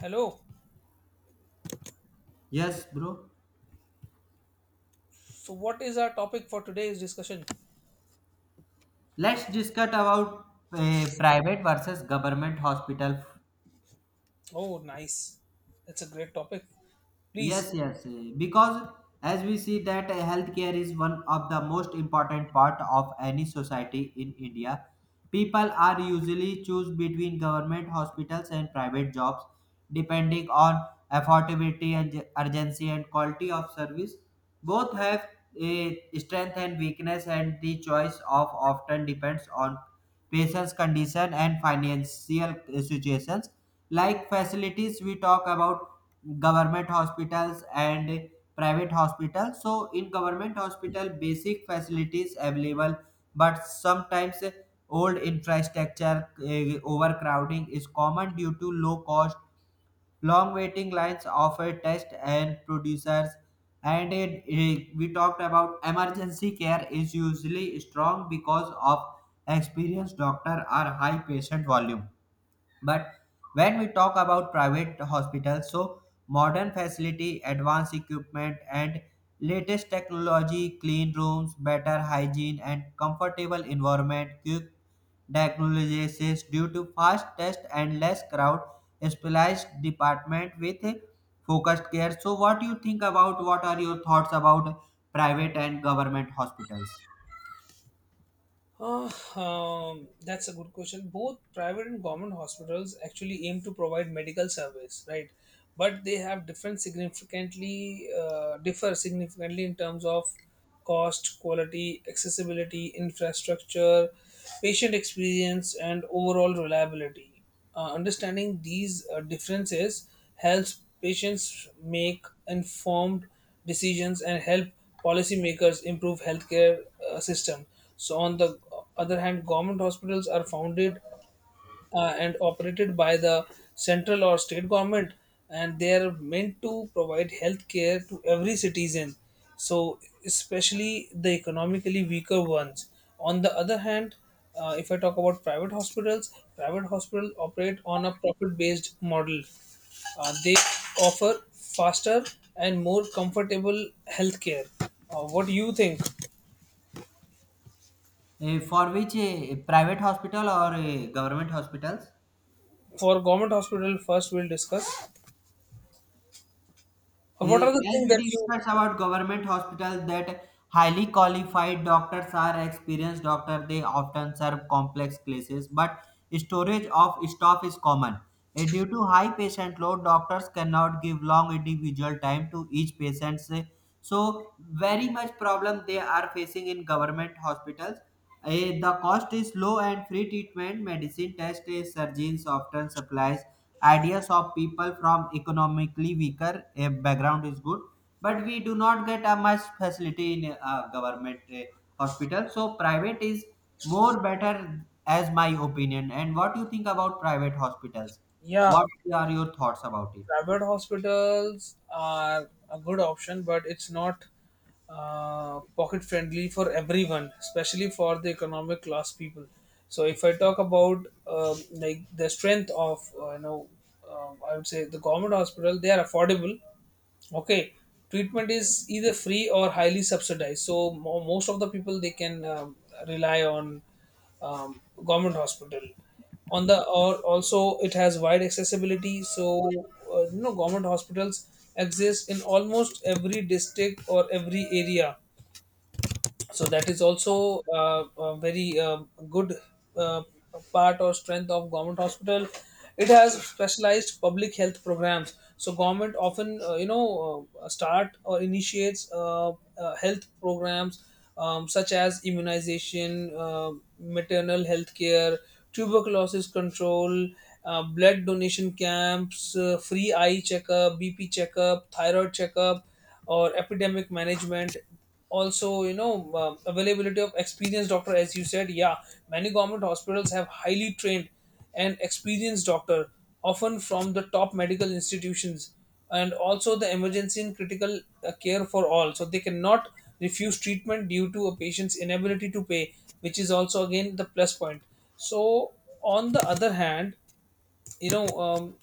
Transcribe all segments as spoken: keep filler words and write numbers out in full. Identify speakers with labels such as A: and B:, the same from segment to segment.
A: Hello.
B: Yes, bro.
A: So, what is our topic for today's discussion?
B: Let's discuss about uh, private versus government hospital.
A: Oh, nice. That's a great topic.
B: Yes,
A: Please.
B: yes. eh, Because as we see that uh, healthcare is one of the most important part of any society in India. People are usually choose between government hospitals and private jobs depending on affordability and j- urgency and quality of service. Both have a strength and weakness and the choice of often depends on patient's condition and financial situations like facilities we talk about government hospitals and private hospitals. So in government hospital basic facilities available, but sometimes old infrastructure, uh, overcrowding is common due to low cost. Long waiting lines offer test and producers, and it, it- we talked about emergency care is usually strong because of experienced doctor or high patient volume. But when we talk about private hospitals, so modern facility, advanced equipment, and latest technology, clean rooms, better hygiene, and comfortable environment, quick diagnosis due to fast test and less crowd, specialized department with focused care. So, what do you think about? What are your thoughts about private and government hospitals?
A: Uh, um, that's a good question. Both private and government hospitals actually aim to provide medical service, right? But they have different significantly uh, differ significantly in terms of cost, quality, accessibility, infrastructure, patient experience, and overall reliability. Uh, understanding these uh, differences helps patients make informed decisions and help policymakers improve healthcare uh, system. So, on the other hand, government hospitals are founded uh, and operated by the central or state government, and they are meant to provide health care to every citizen, so especially the economically weaker ones. On the other hand, uh, if I talk about private hospitals, private hospitals operate on a profit based model. Uh, they offer faster and more comfortable health care. Uh, what do you think?
B: Eh, for which eh, private hospital or eh, government hospitals?
A: For government hospital first we'll discuss. Uh, what
B: Eh,
A: are the
B: As
A: things
B: we
A: that you
B: discussed about government hospitals, that highly qualified doctors are experienced doctors. They often serve complex cases, but storage of staff is common. Eh, Due to high patient load, doctors cannot give long individual time to each patient. So, very much problem they are facing in government hospitals. Eh, the cost is low and free treatment medicine test eh, surgeons often supplies ideas of people from economically weaker eh, background is good, but we do not get a much facility in a government eh, hospital. So private is more better as my opinion. And what you think about private hospitals?
A: yeah.
B: What are your thoughts about it?
A: Private hospitals are a good option, but it's not uh, pocket friendly for everyone, especially for the economic class people. So if I talk about um like the strength of uh, you know, um I would say the government hospital, they are affordable. Okay, treatment is either free or highly subsidized. So mo- most of the people they can um, rely on um, government hospital. On the or also it has wide accessibility. So uh, you know government hospitals exist in almost every district or every area, so that is also uh, a very uh, good uh, part or strength of government hospital. It has specialized public health programs, so government often uh, you know uh, start or initiates uh, uh, health programs, um, such as immunization, uh, maternal health care, tuberculosis control, uh, blood donation camps, uh, free eye checkup, bp checkup, thyroid checkup, or epidemic management. Also you know uh, availability of experienced doctor, as you said, yeah, many government hospitals have highly trained and experienced doctor, often from the top medical institutions. And also the emergency and critical uh, care for all, so they cannot refuse treatment due to a patient's inability to pay, which is also again the plus point. So on the other hand, you know, um,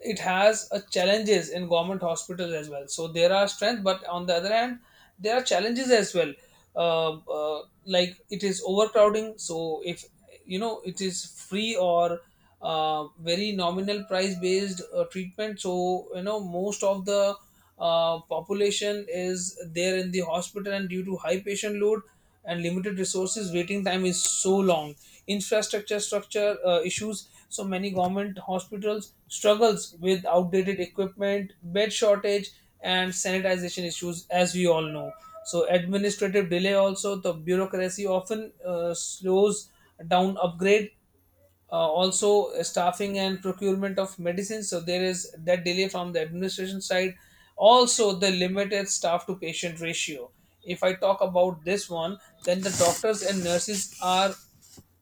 A: it has uh, challenges in government hospitals as well. So there are strengths, but on the other hand there are challenges as well. Uh, uh, like it is overcrowding. So if you know it is free or uh, very nominal price based uh, treatment, so you know most of the uh, population is there in the hospital, and due to high patient load and limited resources waiting time is so long. Infrastructure structure uh, issues, so many government hospitals struggles with outdated equipment, bed shortage, and sanitization issues, as we all know. So administrative delay, also the bureaucracy often uh, slows down upgrade, uh, also uh, staffing and procurement of medicines, so there is that delay from the administration side. Also the limited staff to patient ratio, if I talk about this one, then the doctors and nurses are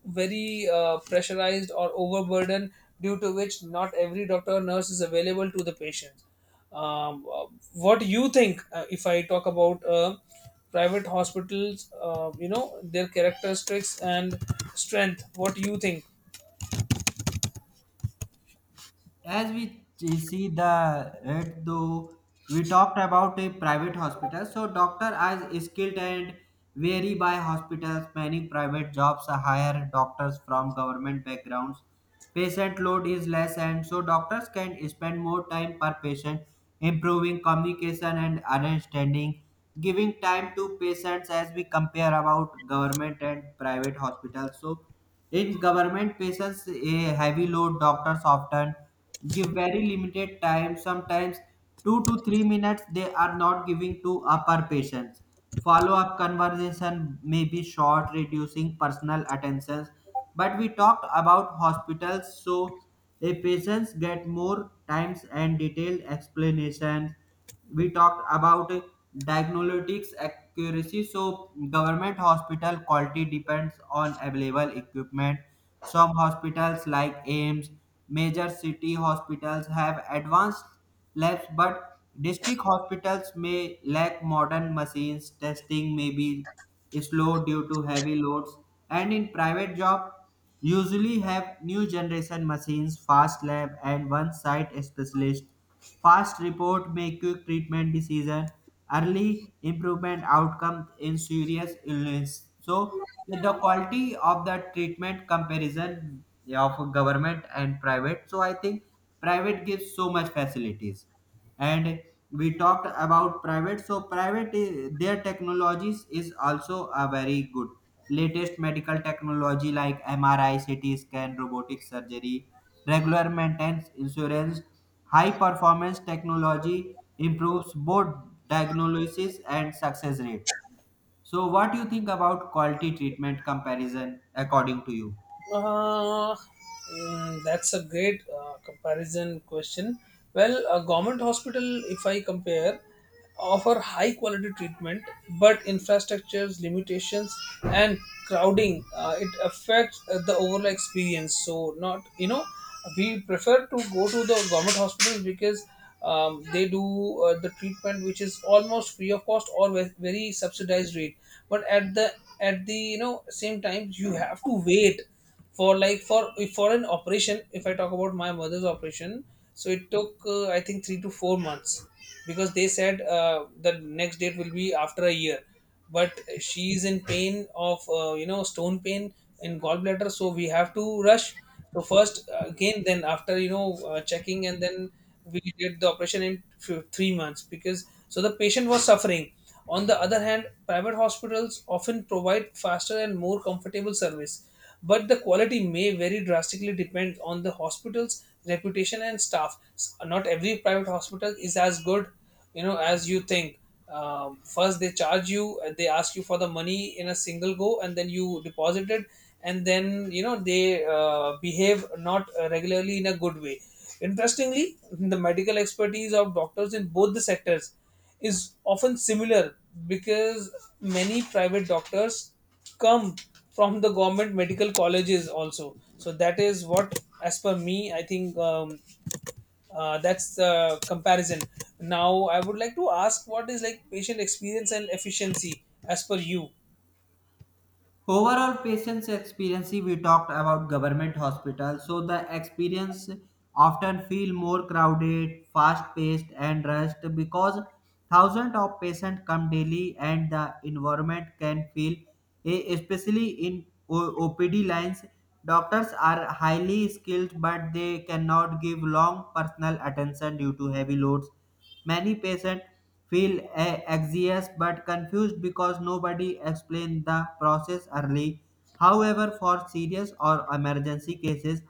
A: very uh, pressurized or overburdened, due to which not every doctor or nurse is available to the patients. um, uh, what do you think? Uh, if I talk about uh, private hospitals, uh, you know their characteristics and strength, what do you think?
B: As we ch- see the right though, we talked about a private hospital. So doctor are skilled and vary by hospitals. Many private jobs hire doctors from government backgrounds. Patient load is less and so doctors can spend more time per patient, improving communication and understanding, giving time to patients. As we compare about government and private hospitals, so in government patients a heavy load, doctors often give very limited time, sometimes two to three minutes they are not giving to upper patients. Follow up conversation may be short, reducing personal attentions. But we talked about hospitals, so a patients get more times and detailed explanations. We talked about diagnostics accuracy, so government hospital quality depends on available equipment. Some hospitals like aims, major city hospitals have advanced labs, but district hospitals may lack modern machines, testing may be slow due to heavy loads. And in private job usually have new generation machines, fast lab, and one site specialist. Fast report make quick treatment decision, early improvement outcome in serious illness. So with the quality of the treatment comparison, yeah, of government and private, so I think private gives so much facilities. And we talked about private, so private i- their technologies is also a very good latest medical technology like mri ct scan robotic surgery, regular maintenance insurance, high performance technology improves both diagnosis and success rate. So what do you think about quality treatment comparison according to you?
A: Uh, mm, that's a great uh, comparison question. Well, a government hospital, if I compare, offer high quality treatment, but infrastructures limitations and crowding, uh, it affects uh, the overall experience. So not you know we prefer to go to the government hospitals because um, they do uh, the treatment which is almost free of cost or ve- very subsidized rate. But at the at the you know same time you have to wait for like for for an operation. If I talk about my mother's operation, so it took uh, I think three to four months, because they said uh, the next date will be after a year, but she is in pain of uh, you know stone pain in gallbladder, so we have to rush. So first uh, again then after you know uh, checking and then we did the operation in few, three months, because so the patient was suffering. On the other hand, private hospitals often provide faster and more comfortable service, but the quality may vary drastically depend on the hospital's reputation and staff. S- Not every private hospital is as good, you know, as you think. Um, first, they charge you, and they ask you for the money in a single go, and then you deposit it, and then you know they uh, behave not uh, regularly in a good way. Interestingly, the medical expertise of doctors in both the sectors is often similar, because many private doctors come from the government medical colleges also. So that is what, as per me, I think, um, uh, that's the comparison. Now I would like to ask, what is like patient experience and efficiency as per you?
B: Overall patient's experience, we talked about government hospitals, so the experience often feel more crowded, fast-paced and rushed, because thousands of patients come daily and the environment can feel, e- especially in O- OPD lines, doctors are highly skilled but they cannot give long personal attention due to heavy loads. Many patients feel a- anxious but confused because nobody explained the process early. However, for serious or emergency cases,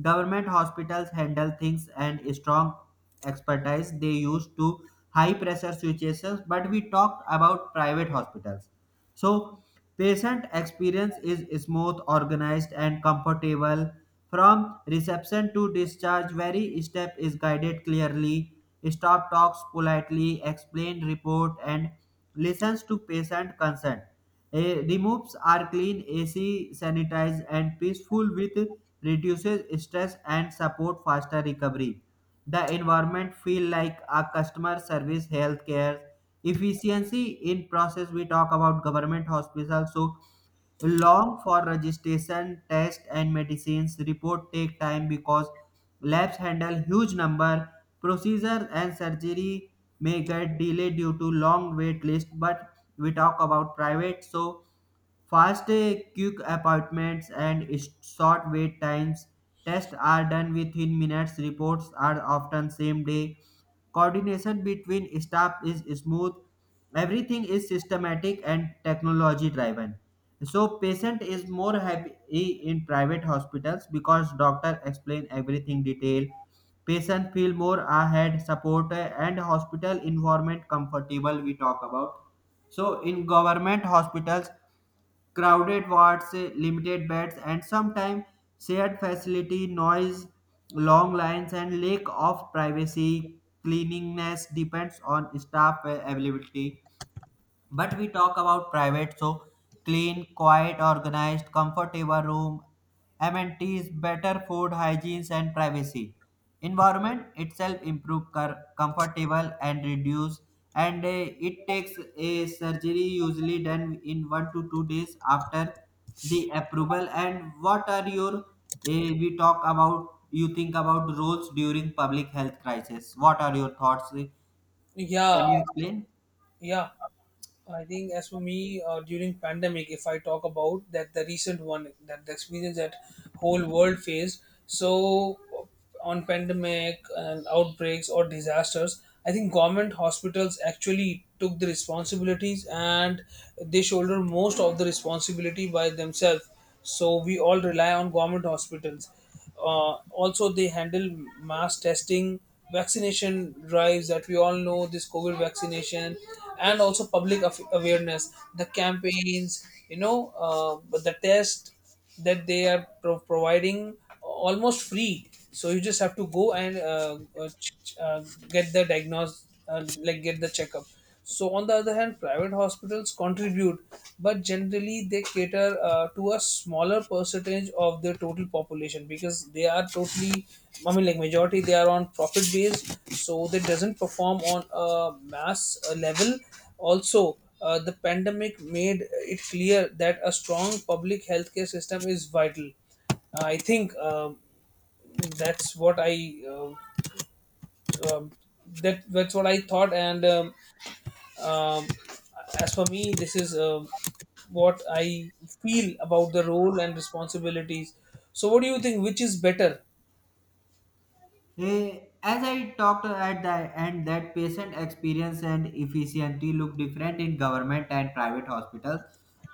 B: government hospitals handle things and strong expertise they use to high pressure situations. But we talked about private hospitals, so patient experience is smooth, organized, and comfortable. From reception to discharge, every step is guided clearly. Staff talks politely, explains report, and listens to patient consent. Eh, removes are clean, A C, sanitized, and peaceful, with reduces stress and support faster recovery. The environment feel like a customer service healthcare efficiency in process. We talk about government hospitals, so long for registration test and medicines report take time because labs handle huge number, procedure and surgery may get delayed due to long wait list. But we talk about private, so fast, uh, quick appointments and short wait times. Tests are done within minutes. Reports are often same day. Coordination between staff is smooth. Everything is systematic and technology driven. So patient is more happy in private hospitals because doctor explain everything detail. Patient feel more ahead support uh, and hospital environment comfortable we talk about. So in government hospitals, crowded wards, eh, limited beds, and sometimes shared facility, noise, long lines, and lack of privacy. Cleanliness depends on staff eh, availability. But we talk about private, so clean, quiet, organized, comfortable room, amenities, better food, hygiene, and privacy. Environment itself improve cur- comfortable and reduce, and uh, it takes a surgery usually done in one to two days after the approval. And what are your uh, we talk about? You think about roles during public health crisis. What are your thoughts? Can
A: Yeah.
B: you explain?
A: Yeah, I think as for me, uh, during pandemic, if I talk about that, the recent one, that the experience that whole world faced. So on pandemic and outbreaks or disasters, I think government hospitals actually took the responsibilities and they shoulder most of the responsibility by themselves. So we all rely on government hospitals. Uh, also they handle mass testing, vaccination drives, that we all know this covid vaccination, and also public af- awareness the campaigns, you know, uh, but the test that they are pro- providing almost free. So you just have to go and uh, uh, ch- ch- uh, get the diagnosed, uh, like get the checkup. So on the other hand, private hospitals contribute, but generally they cater uh, to a smaller percentage of the total population, because they are totally, I mean, like majority they are on profit base, so they doesn't perform on a mass uh, level. Also, uh, the pandemic made it clear that a strong public healthcare system is vital. Uh, I think um that's what I um um, that that's what I thought, and um, um, as for me, this is um what I feel about the role and responsibilities. So, what do you think? Which is better?
B: Eh, As I talked at the end, that patient experience and efficiency look different in government and private hospitals.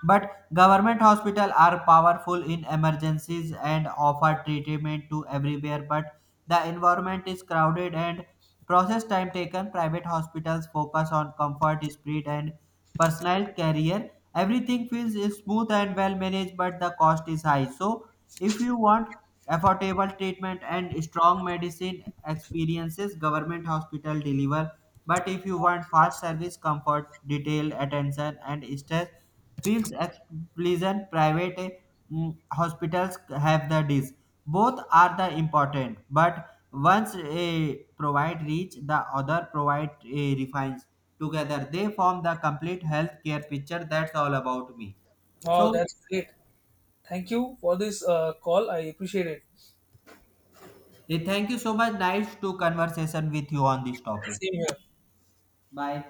B: But government hospitals are powerful in emergencies and offer treatment to everywhere. But the environment is crowded and process time taken. Private hospitals focus on comfort, speed, and personal career. Everything feels smooth and well managed, but the cost is high. So, if you want affordable treatment and strong medicine experiences, government hospital deliver. But if you want fast service, comfort, detailed attention and stress feels pleasant, private, mm, hospitals have the dis. Both are the important, but once a provide reach, the other provide a refines. Together they form the complete healthcare picture. That's all about me.
A: Wow,
B: So
A: that's great. Thank you for this uh, call. I appreciate it.
B: eh, thank you so much. Nice to conversation with you on this topic.
A: Same here.
B: Bye.